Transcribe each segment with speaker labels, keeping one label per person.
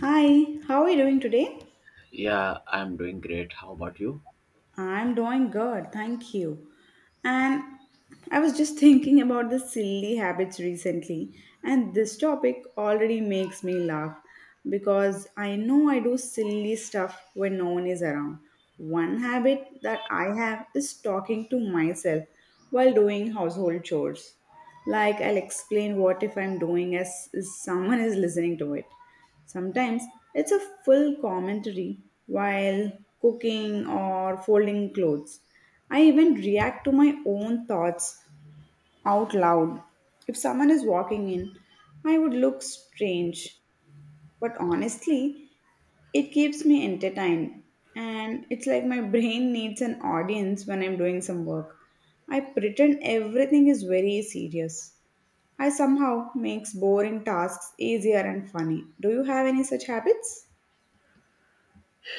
Speaker 1: Hi, how are you doing today?
Speaker 2: Yeah, I'm doing great. How about you?
Speaker 1: I'm doing good, thank you. And I was just thinking about the silly habits recently, and this topic already makes me laugh because I know I do silly stuff when no one is around. One habit that I have is talking to myself while doing household chores. Like, I'll explain what if I'm doing as someone is listening to it. Sometimes it's a full commentary while cooking or folding clothes. I even react to my own thoughts out loud. If someone is walking in, I would look strange. But honestly, it keeps me entertained. And it's like my brain needs an audience when I'm doing some work. I pretend everything is very serious. I somehow makes boring tasks easier and funny. Do you have any such habits?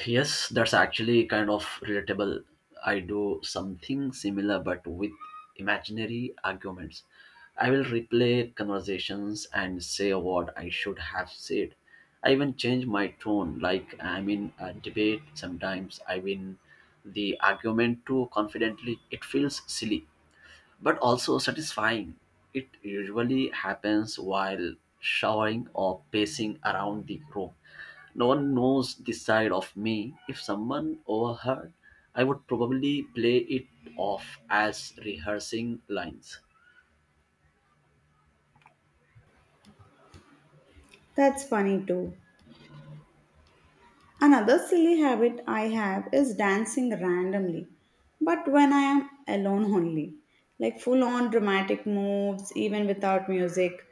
Speaker 2: Yes, that's actually kind of relatable. I do something similar but with imaginary arguments. I will replay conversations and say what I should have said. I even change my tone, like I'm in a debate. Sometimes I win the argument too confidently. It feels silly, but also satisfying. It usually happens while showering or pacing around the room. No one knows this side of me. If someone overheard, I would probably play it off as rehearsing lines.
Speaker 1: That's funny too. Another silly habit I have is dancing randomly, but when I am alone only, like full on dramatic moves, even without music.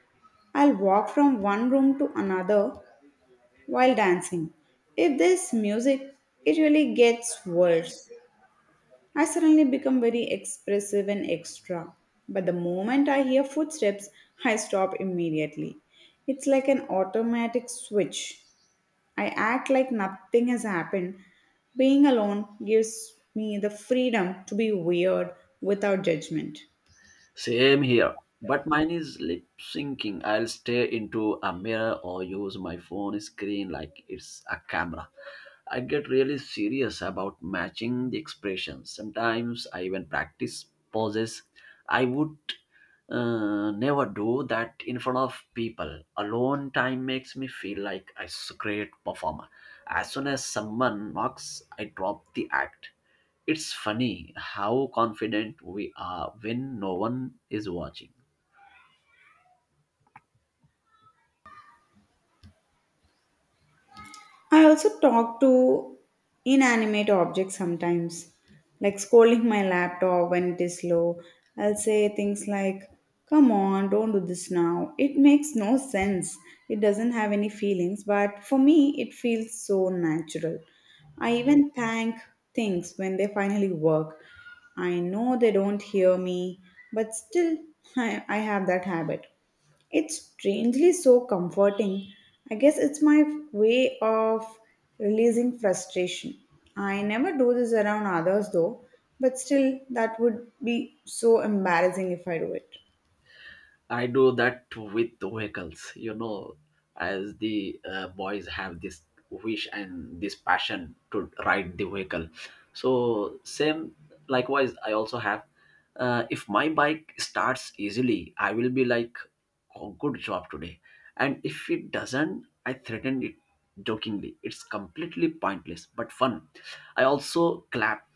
Speaker 1: I'll walk from one room to another while dancing. If there's music, it really gets worse. I suddenly become very expressive and extra, but the moment I hear footsteps, I stop immediately. It's like an automatic switch. I act like nothing has happened. Being alone gives me the freedom to be weird without judgment.
Speaker 2: Same here. But mine is lip syncing. I'll stare into a mirror or use my phone screen like it's a camera. I get really serious about matching the expressions. Sometimes I even practice poses. I would never do that in front of people. Alone time makes me feel like a great performer. As soon as someone knocks, I drop the act. It's funny how confident we are when no one is watching.
Speaker 1: I also talk to inanimate objects sometimes, like scolding my laptop when it is slow. I'll say things like, come on, don't do this now. It makes no sense. It doesn't have any feelings, but for me, it feels so natural. I even thank things when they finally work. I know they don't hear me, but still, I have that habit. It's strangely so comforting. I guess it's my way of releasing frustration. I never do this around others though, but still, that would be so embarrassing if I do it.
Speaker 2: I do that with vehicles, you know, as the boys have this wish and this passion to ride the vehicle. So, same likewise, I also have. If my bike starts easily, I will be like, oh, good job today. And if it doesn't, I threaten it jokingly. It's completely pointless but fun. I also clap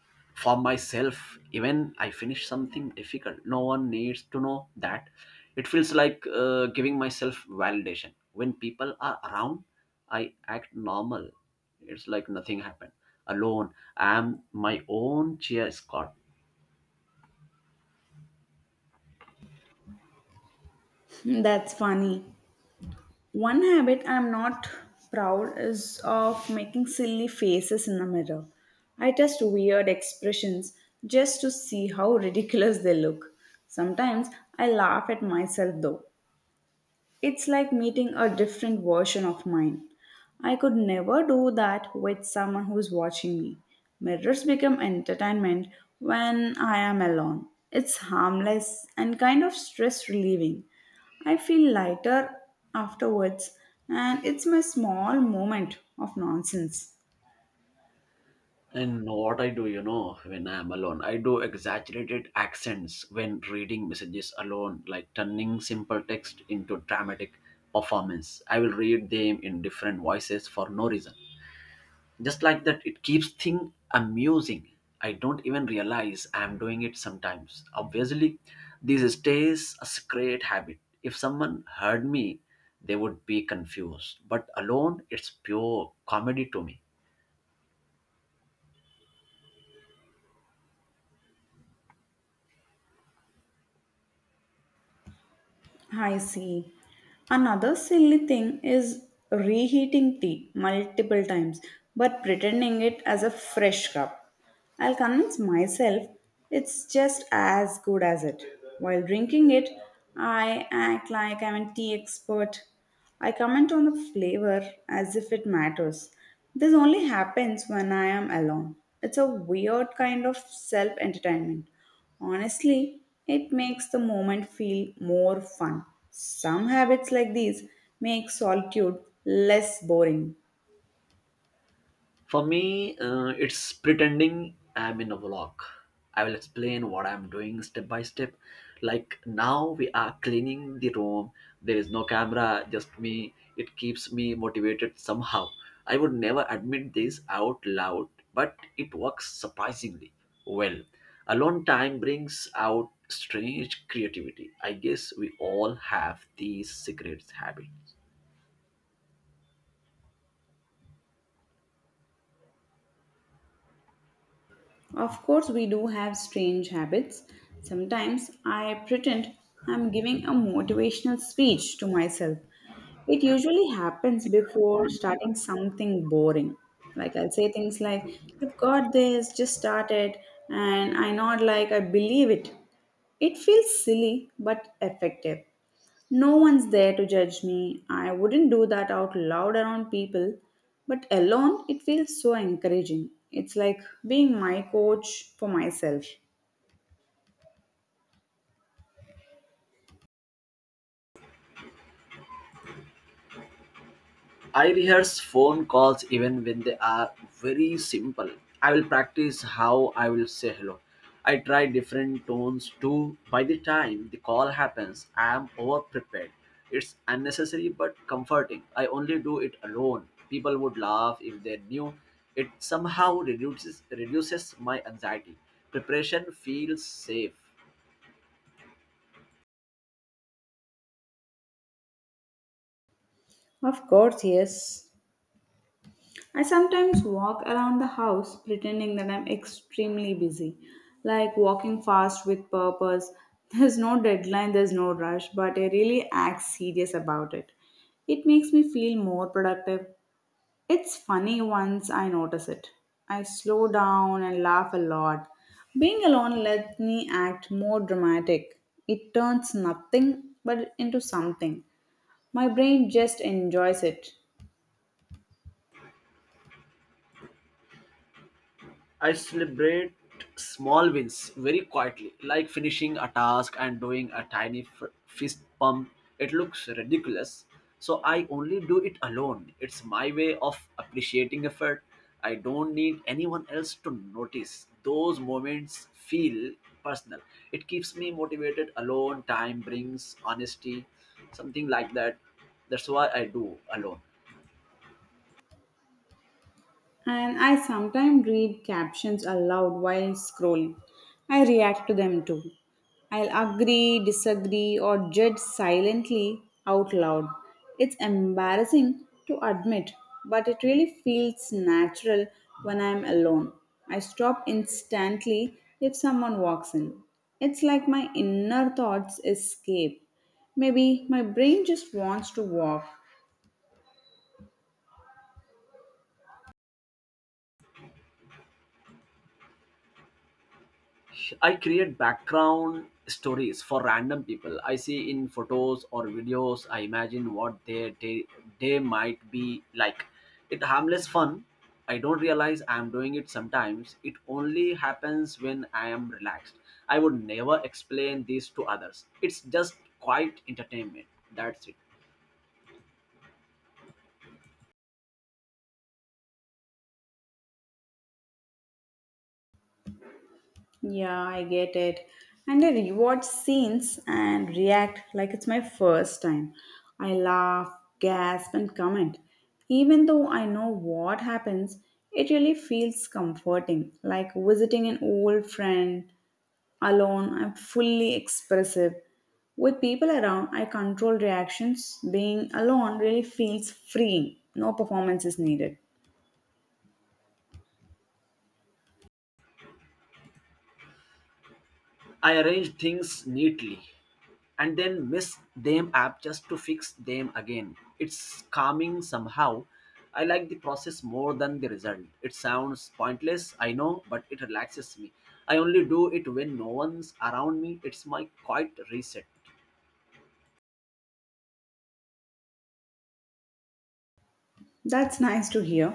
Speaker 2: for myself even I finish something difficult. No one needs to know that. It feels like giving myself validation. When people are around, I act normal. It's like nothing happened. Alone, I am my own cheer squad.
Speaker 1: That's funny. One habit I'm not proud is of making silly faces in the mirror. I test weird expressions just to see how ridiculous they look. Sometimes I laugh at myself though. It's like meeting a different version of mine. I could never do that with someone who's watching me. Mirrors become entertainment when I am alone. It's harmless and kind of stress relieving. I feel lighter afterwards, and it's my small moment of nonsense.
Speaker 2: And what I do, you know, when I am alone, I do exaggerated accents when reading messages alone, like turning simple text into dramatic performance. I will read them in different voices for no reason, just like that. It keeps thing amusing. I don't even realize I am doing it sometimes. Obviously, this stays a secret habit. If someone heard me, they would be confused, but alone it's pure comedy to me.
Speaker 1: I see. Another silly thing is reheating tea multiple times but pretending it as a fresh cup. I'll convince myself it's just as good as it. While drinking it, I act like I'm a tea expert. I comment on the flavor as if it matters. This only happens when I am alone. It's a weird kind of self entertainment. Honestly, it makes the moment feel more fun. Some habits like these make solitude less boring.
Speaker 2: For me, it's pretending I'm in a vlog. I will explain what I'm doing step by step. Like now, we are cleaning the room. There is no camera, just me. It keeps me motivated somehow. I would never admit this out loud, but it works surprisingly well. Alone time brings out strange creativity. I guess we all have these secret habits.
Speaker 1: Of course, we do have strange habits. Sometimes I pretend I'm giving a motivational speech to myself. It usually happens before starting something boring. Like I'll say things like, you've got this, just start it, and I nod like I believe it. It feels silly but effective. No one's there to judge me. I wouldn't do that out loud around people, but alone it feels so encouraging. It's like being my coach for myself.
Speaker 2: I rehearse phone calls even when they are very simple. I will practice how I will say hello. I try different tones too. By the time the call happens, I am over prepared. It's unnecessary but comforting. I only do it alone. People would laugh if they knew. It somehow reduces my anxiety. Preparation feels safe.
Speaker 1: Of course, yes. I sometimes walk around the house pretending that I'm extremely busy, like walking fast with purpose. There's no deadline, there's no rush, but I really act serious about it. It makes me feel more productive. It's funny once I notice it. I slow down and laugh a lot. Being alone lets me act more dramatic. It turns nothing but into something. My brain just enjoys it.
Speaker 2: I celebrate small wins very quietly, like finishing a task and doing a tiny fist pump. It looks ridiculous. So I only do it alone. It's my way of appreciating effort. I don't need anyone else to notice. Those moments feel personal. It keeps me motivated. Alone time brings honesty, something like that. That's why I do alone.
Speaker 1: And I sometimes read captions aloud while scrolling. I react to them too. I'll agree, disagree, or judge silently out loud. It's embarrassing to admit, but it really feels natural when I'm alone. I stop instantly if someone walks in. It's like my inner thoughts escape. Maybe my brain just wants to walk.
Speaker 2: I create background stories for random people I see in photos or videos. I imagine what their day might be like. It harmless fun. I don't realize I am doing it sometimes. It only happens when I am relaxed. I would never explain this to others. It's just quite entertainment. That's it.
Speaker 1: Yeah, I get it. And I rewatch scenes and react like it's my first time. I laugh, gasp, and comment. Even though I know what happens, it really feels comforting, like visiting an old friend. Alone, I'm fully expressive. With people around, I control reactions. Being alone really feels freeing. No performance is needed.
Speaker 2: I arrange things neatly and then mess them up just to fix them again. It's calming somehow. I like the process more than the result. It sounds pointless, I know, but it relaxes me. I only do it when no one's around me. It's my quiet reset.
Speaker 1: That's nice to hear.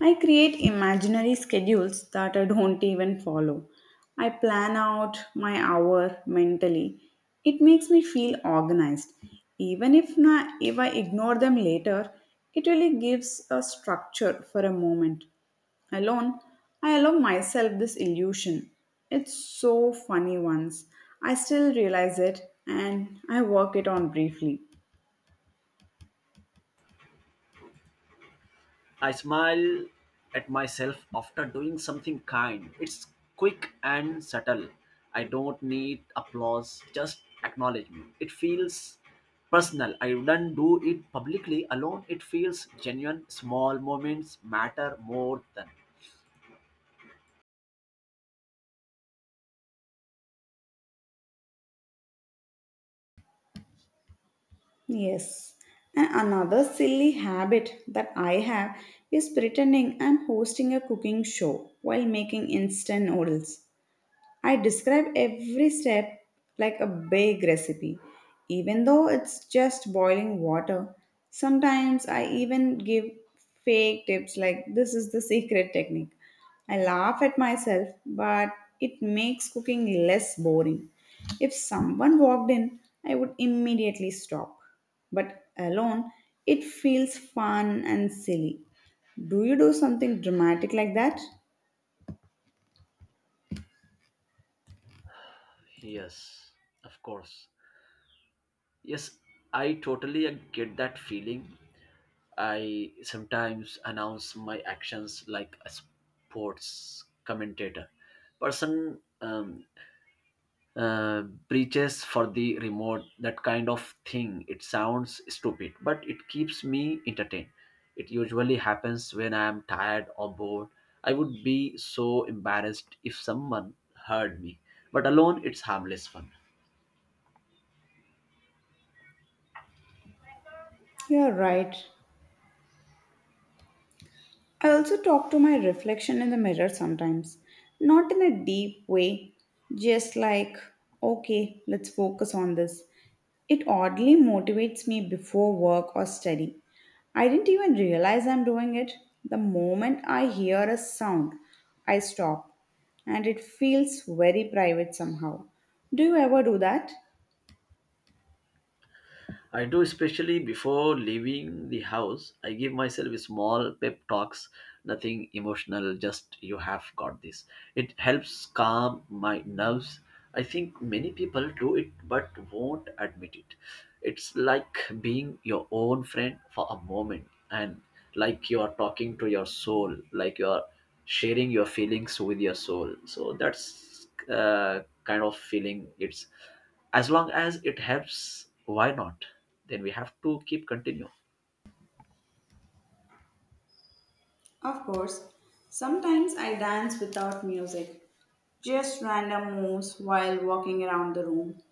Speaker 1: I create imaginary schedules that I don't even follow. I plan out my hour mentally. It makes me feel organized. Even if, na if I ignore them later, it really gives a structure for a moment. Alone, I allow myself this illusion. It's so funny once. I still realize it and I work it on briefly.
Speaker 2: I smile at myself after doing something kind. It's quick and subtle. I don't need applause, just acknowledgement. It feels personal. I don't do it publicly. Alone, it feels genuine. Small moments matter more than.
Speaker 1: Yes. And another silly habit that I have is pretending I'm hosting a cooking show while making instant noodles. I describe every step like a big recipe, even though it's just boiling water. Sometimes I even give fake tips like this is the secret technique. I laugh at myself, but it makes cooking less boring. If someone walked in, I would immediately stop. But alone, it feels fun and silly. Do you do something dramatic like that?
Speaker 2: Yes, of course. Yes, I totally get that feeling. I sometimes announce my actions like a sports commentator. Person uh, breaches for the remote, that kind of thing. It sounds stupid but it keeps me entertained. It usually happens when I am tired or bored. I would be so embarrassed if someone heard me, but alone it's harmless fun.
Speaker 1: You're right. I also talk to my reflection in the mirror sometimes, not in a deep way, just like, okay, let's focus on this. It oddly motivates me before work or study. I didn't even realize I'm doing it. The moment I hear a sound, I stop, and it feels very private somehow. Do you ever do that?
Speaker 2: I do, especially before leaving the house. I give myself a small pep talks, nothing emotional, just you have got this. It helps calm my nerves. I think many people do it but won't admit it. It's like being your own friend for a moment, and like you are talking to your soul, like you are sharing your feelings with your soul. So that's kind of feeling. It's as long as it helps, why not? Then we have to keep continue.
Speaker 1: Of course. Sometimes I dance without music, just random moves while walking around the room.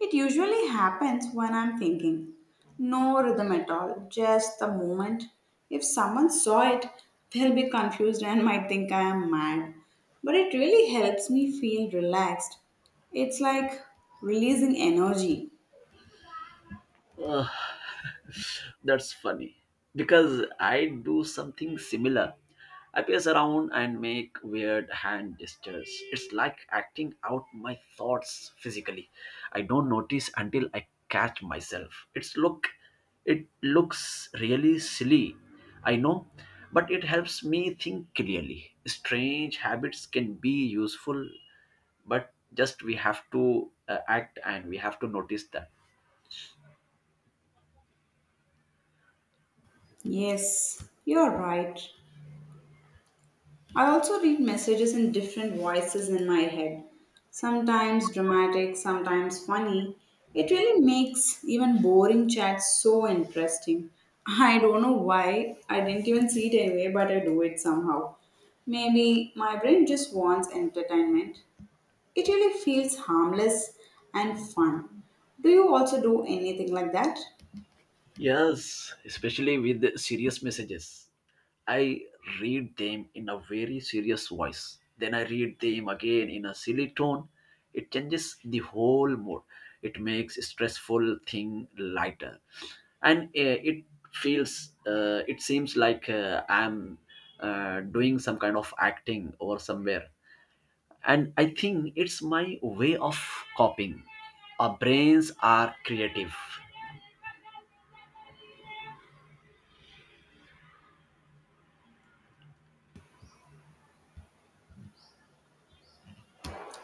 Speaker 1: It usually happens when I'm thinking. No rhythm at all, just the moment. If someone saw it, they'll be confused and might think I am mad. But it really helps me feel relaxed. It's like releasing energy.
Speaker 2: Ugh, that's funny because I do something similar. I pace around and make weird hand gestures. It's like acting out my thoughts physically. I don't notice until I catch myself. It's look it looks really silly, I know, but it helps me think clearly. Strange habits can be useful, but just we have to act and we have to notice that.
Speaker 1: Yes, you're right. I also read messages in different voices in my head, sometimes dramatic, sometimes funny. It really makes even boring chats so interesting. I don't know why, I didn't even see it anyway, but I do it somehow. Maybe my brain just wants entertainment. It really feels harmless and fun. Do you also do anything like that?
Speaker 2: Yes, especially with the serious messages, I read them in a very serious voice, then I read them again in a silly tone. It changes the whole mood. It makes stressful thing lighter. And it feels it seems like I'm doing some kind of acting or somewhere. And I think it's my way of coping. Our brains are creative.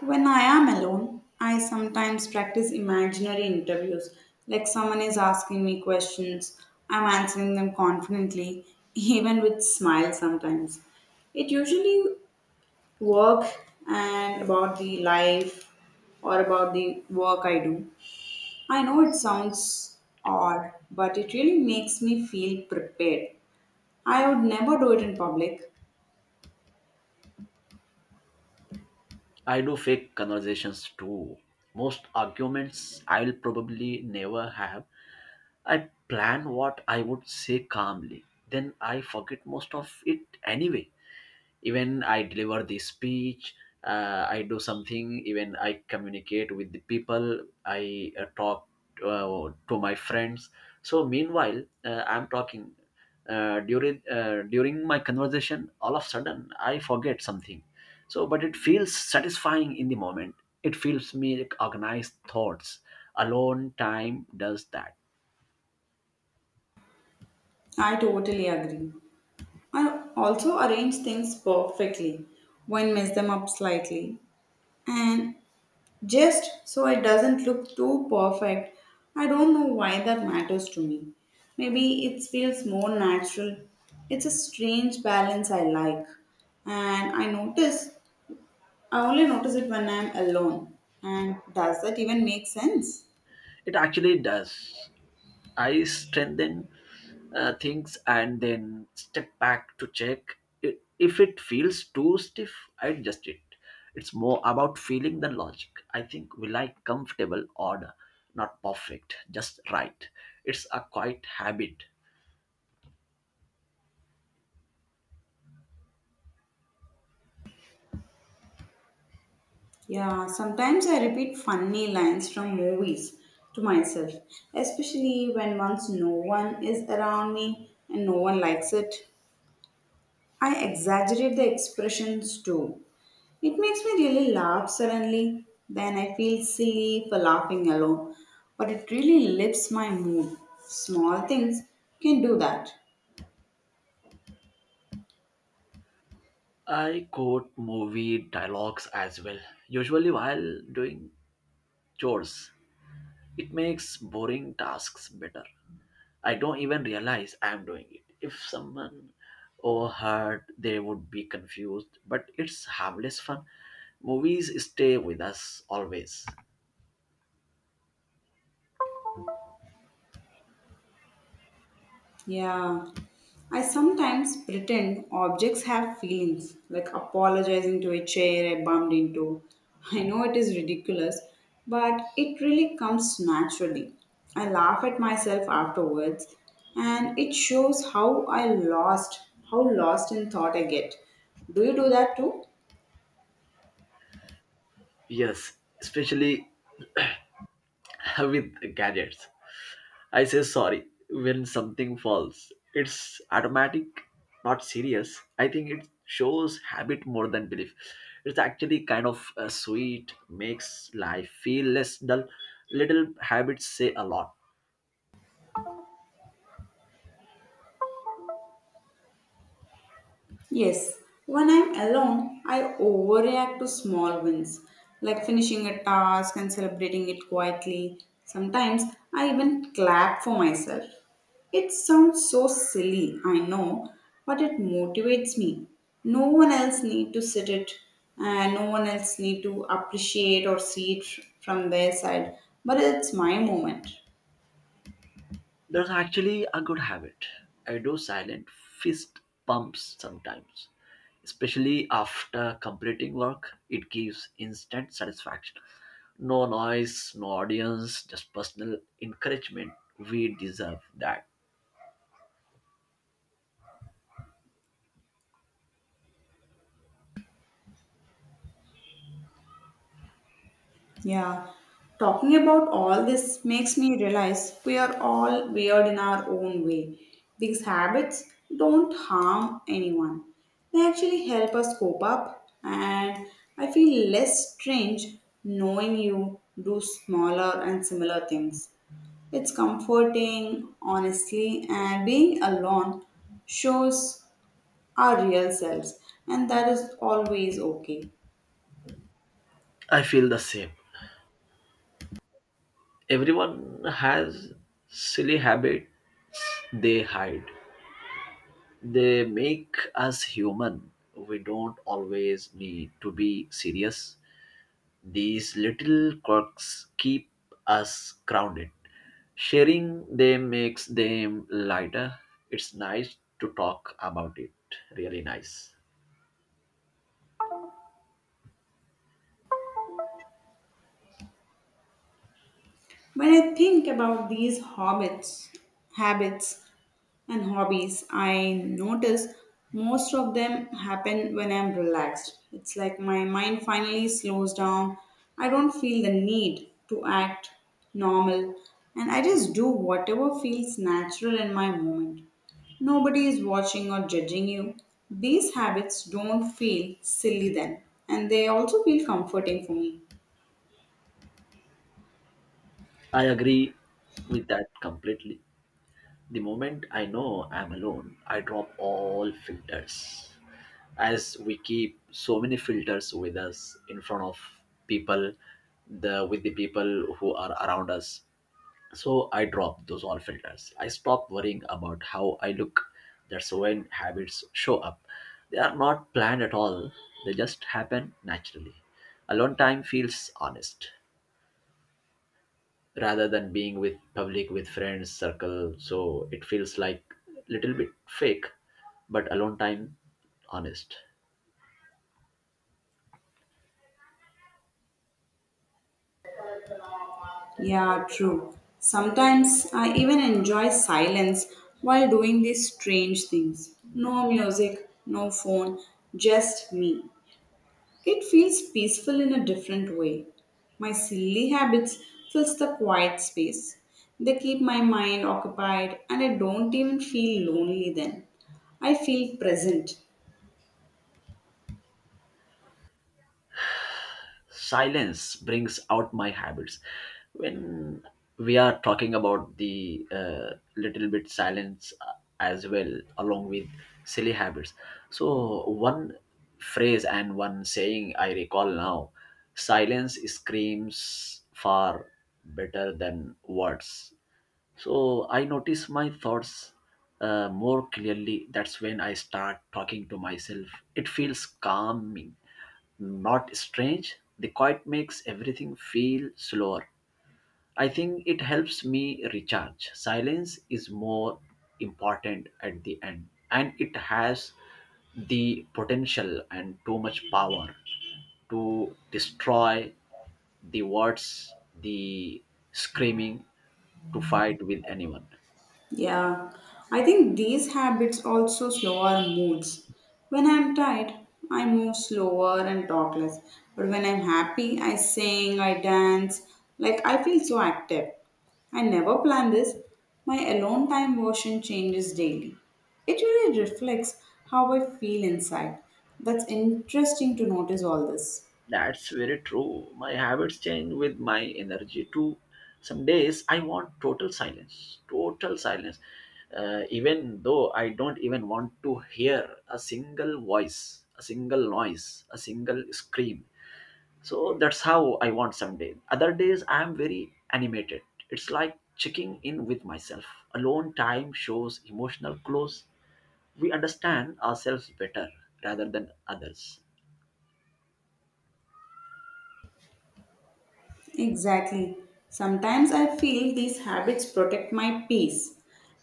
Speaker 1: When I am alone, I sometimes practice imaginary interviews, like someone is asking me questions. I'm answering them confidently, even with smile sometimes. It usually work and about the life or about the work I do. I know it sounds odd, but it really makes me feel prepared. I would never do it in public.
Speaker 2: I do fake conversations too, most arguments I'll probably never have. I plan what I would say calmly, then I forget most of it anyway. Even I deliver the speech, I do something. Even I communicate with the people, I talk to my friends. So meanwhile I'm talking, during my conversation, all of a sudden I forget something. So but it feels satisfying in the moment. It feels me like organized thoughts. Alone time does that.
Speaker 1: I totally agree. I also arrange things perfectly when mess them up slightly and just so it doesn't look too perfect. I don't know why that matters to me. Maybe it feels more natural. It's a strange balance I like. And I notice I only notice it when I'm alone. And does that even make sense?
Speaker 2: It actually does. I strengthen things and then step back to check. If it feels too stiff, I adjust it. It's more about feeling than logic. I think we like comfortable order, not perfect, just right. It's a quiet habit.
Speaker 1: Yeah, sometimes I repeat funny lines from movies to myself, especially when once no one is around me and no one likes it. I exaggerate the expressions too. It makes me really laugh suddenly, then I feel silly for laughing alone, but it really lifts my mood. Small things can do that.
Speaker 2: I quote movie dialogues as well, usually while doing chores. It makes boring tasks better. I don't even realize I'm doing it. If someone overheard, they would be confused, but it's harmless fun. Movies stay with us always.
Speaker 1: Yeah. I sometimes pretend objects have feelings, like apologizing to a chair I bumped into. I know it is ridiculous, but it really comes naturally. I laugh at myself afterwards, and it shows how I lost, how lost in thought I get. Do you do that too?
Speaker 2: Yes, especially with gadgets. I say sorry when something falls. It's automatic, not serious. I think it shows habit more than belief. It's actually kind of sweet, makes life feel less dull. Little habits say a lot.
Speaker 1: Yes, when I'm alone, I overreact to small wins, like finishing a task and celebrating it quietly. Sometimes I even clap for myself. It sounds so silly, I know, but it motivates me. No one else need to sit it and no one else need to appreciate or see it from their side, but it's my moment.
Speaker 2: That's actually a good habit. I do silent fist pumps sometimes, especially after completing work. It gives instant satisfaction. No noise, no audience, just personal encouragement. We deserve that.
Speaker 1: Yeah, talking about all this makes me realize we are all weird in our own way. These habits don't harm anyone, they actually help us cope up, and I feel less strange knowing you do smaller and similar things. It's comforting, honestly, and being alone shows our real selves, and that is always okay.
Speaker 2: I feel the same. Everyone has silly habits they hide. They make us human. We don't always need to be serious. These little quirks keep us grounded. Sharing them makes them lighter. It's nice to talk about it. Really nice.
Speaker 1: When I think about these hobbits, habits, and hobbies, I notice most of them happen when I'm relaxed. It's like my mind finally slows down. I don't feel the need to act normal, and I just do whatever feels natural in my moment. Nobody is watching or judging you. These habits don't feel silly then, and they also feel comforting for me.
Speaker 2: I agree with that completely. The moment I know I'm alone, I drop all filters. As we keep so many filters with us in front of people, the with the people who are around us, so I dropped those all filters. I stopped worrying about how I look. That's when habits show up. They are not planned at all, they just happen naturally. Alone time feels honest rather than being with public, with friends, circle. So it feels like little bit fake, but alone time honest.
Speaker 1: Yeah, true. Sometimes I even enjoy silence while doing these strange things. No music, no phone, just me. It feels peaceful in a different way. My silly habits fills the quiet space. They keep my mind occupied and I don't even feel lonely then. I feel present.
Speaker 2: Silence brings out my habits. When we are talking about the little bit silence as well along with silly habits, so one phrase and one saying I recall now, silence screams far better than words. So I notice my thoughts more clearly. That's when I start talking to myself. It feels calming, not strange. The quiet makes everything feel slower. I think it helps me recharge. Silence is more important at the end, and it has the potential and too much power to destroy the words, the screaming, to fight with anyone.
Speaker 1: Yeah, I think these habits also slow our moods. When I'm tired, I move slower and talk less. But when I'm happy, I sing, I dance. Like I feel so active. I never plan this. My alone time version changes daily. It really reflects how I feel inside. That's interesting to notice all this.
Speaker 2: That's very true. My habits change with my energy too. Some days I want total silence, even though I don't even want to hear a single voice, a single noise, a single scream. So that's how I want some days. Other days I am very animated. It's like checking in with myself. Alone time shows emotional close. We understand ourselves better rather than others.
Speaker 1: Exactly. Sometimes I feel these habits protect my peace.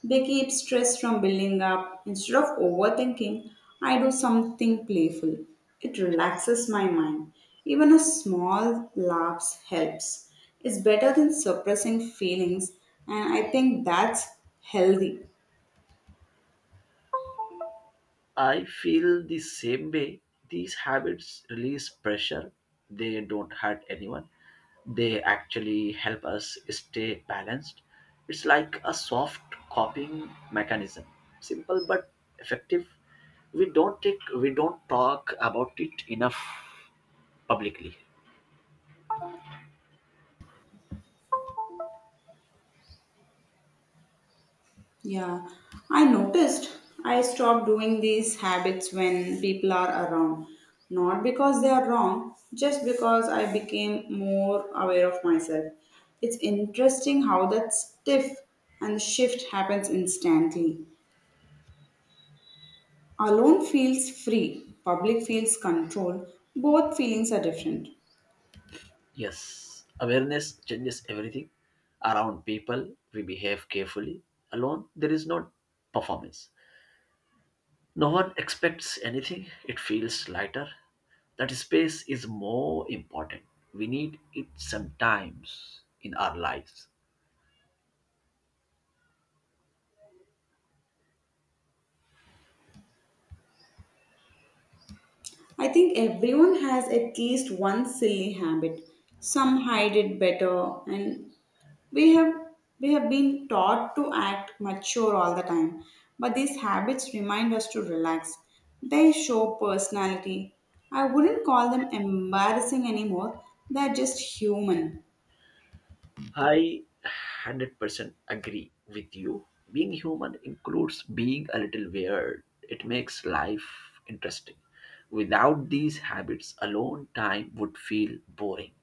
Speaker 1: They keep stress from building up. Instead of overthinking, I do something playful. It relaxes my mind. Even a small laughs helps. It's better than suppressing feelings, and I think that's healthy.
Speaker 2: I feel the same way. These habits release pressure. They don't hurt anyone. They actually help us stay balanced. It's like a soft coping mechanism. Simple but effective. We don't talk about it enough publicly.
Speaker 1: Yeah, I noticed I stopped doing these habits when people are around. Not because they are wrong, just because I became more aware of myself. It's interesting how that stiff and shift happens instantly. Alone feels free, public feels controlled, both feelings are different.
Speaker 2: Yes, awareness changes everything. Around people, we behave carefully. Alone, there is no performance. No one expects anything, it feels lighter. That space is more important. We need it sometimes in our lives.
Speaker 1: I think everyone has at least one silly habit. Some hide it better and We have we have been taught to act mature all the time, but these habits remind us to relax. They show personality. I wouldn't call them embarrassing anymore. They're just human.
Speaker 2: I 100% agree with you. Being human includes being a little weird, it makes life interesting. Without these habits, alone time would feel boring.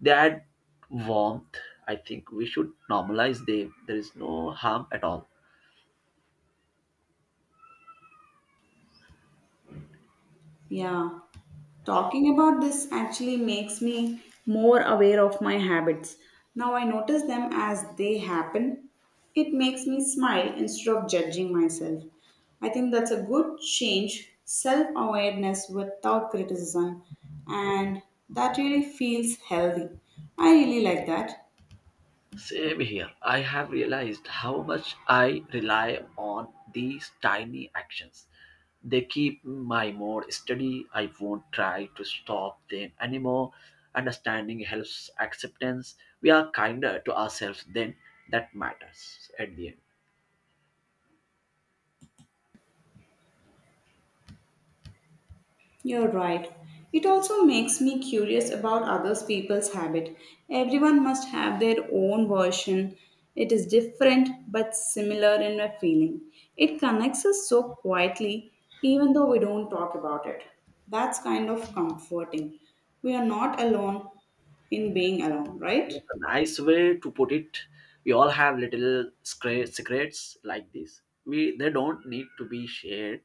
Speaker 2: They add warmth. I think we should normalize them. There is no harm at all.
Speaker 1: Yeah. Talking about this actually makes me more aware of my habits. Now I notice them as they happen. It makes me smile instead of judging myself. I think that's a good change, self awareness without criticism, and that really feels healthy. I really like that.
Speaker 2: Same here. I have realized how much I rely on these tiny actions. They keep my mood steady. I won't try to stop them anymore. Understanding helps acceptance. We are kinder to ourselves then. That matters at the end.
Speaker 1: You're right. It also makes me curious about other people's habit. Everyone must have their own version. It is different but similar in a feeling. It connects us so quietly even though we don't talk about it. That's kind of comforting. We are not alone in being alone, right?
Speaker 2: That's a nice way to put it. We all have little secrets like this. We they don't need to be shared.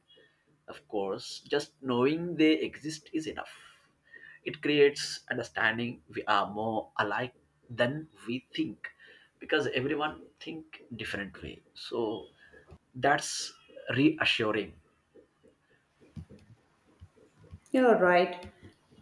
Speaker 2: Of course, just knowing they exist is enough. It creates understanding we are more alike than we think, because everyone think differently. So that's reassuring.
Speaker 1: You're right.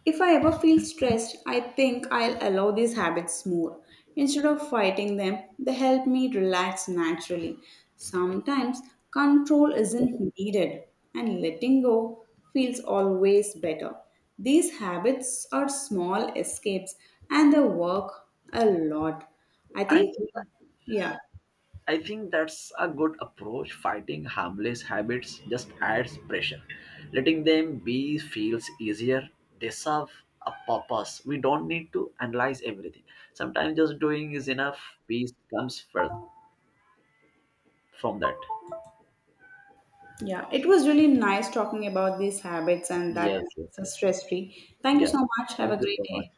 Speaker 1: If I ever feel stressed, I think I'll allow these habits more. Instead of fighting them, they help me relax naturally. Sometimes control isn't needed, and letting go feels always better. These habits are small escapes and they work a lot. I
Speaker 2: I
Speaker 1: think,
Speaker 2: think
Speaker 1: yeah,
Speaker 2: I think that's a good approach. Fighting harmless habits just adds pressure. Letting them be feels easier. They serve a purpose. We don't need to analyze everything. Sometimes just doing is enough. Peace comes first from that.
Speaker 1: yeah, it was really nice talking about these habits and that
Speaker 2: Yes, yes,
Speaker 1: makes us
Speaker 2: yes.
Speaker 1: stress free. Thank you
Speaker 2: Yeah.
Speaker 1: so much. Have a
Speaker 2: Thank you
Speaker 1: great
Speaker 2: so much.
Speaker 1: day.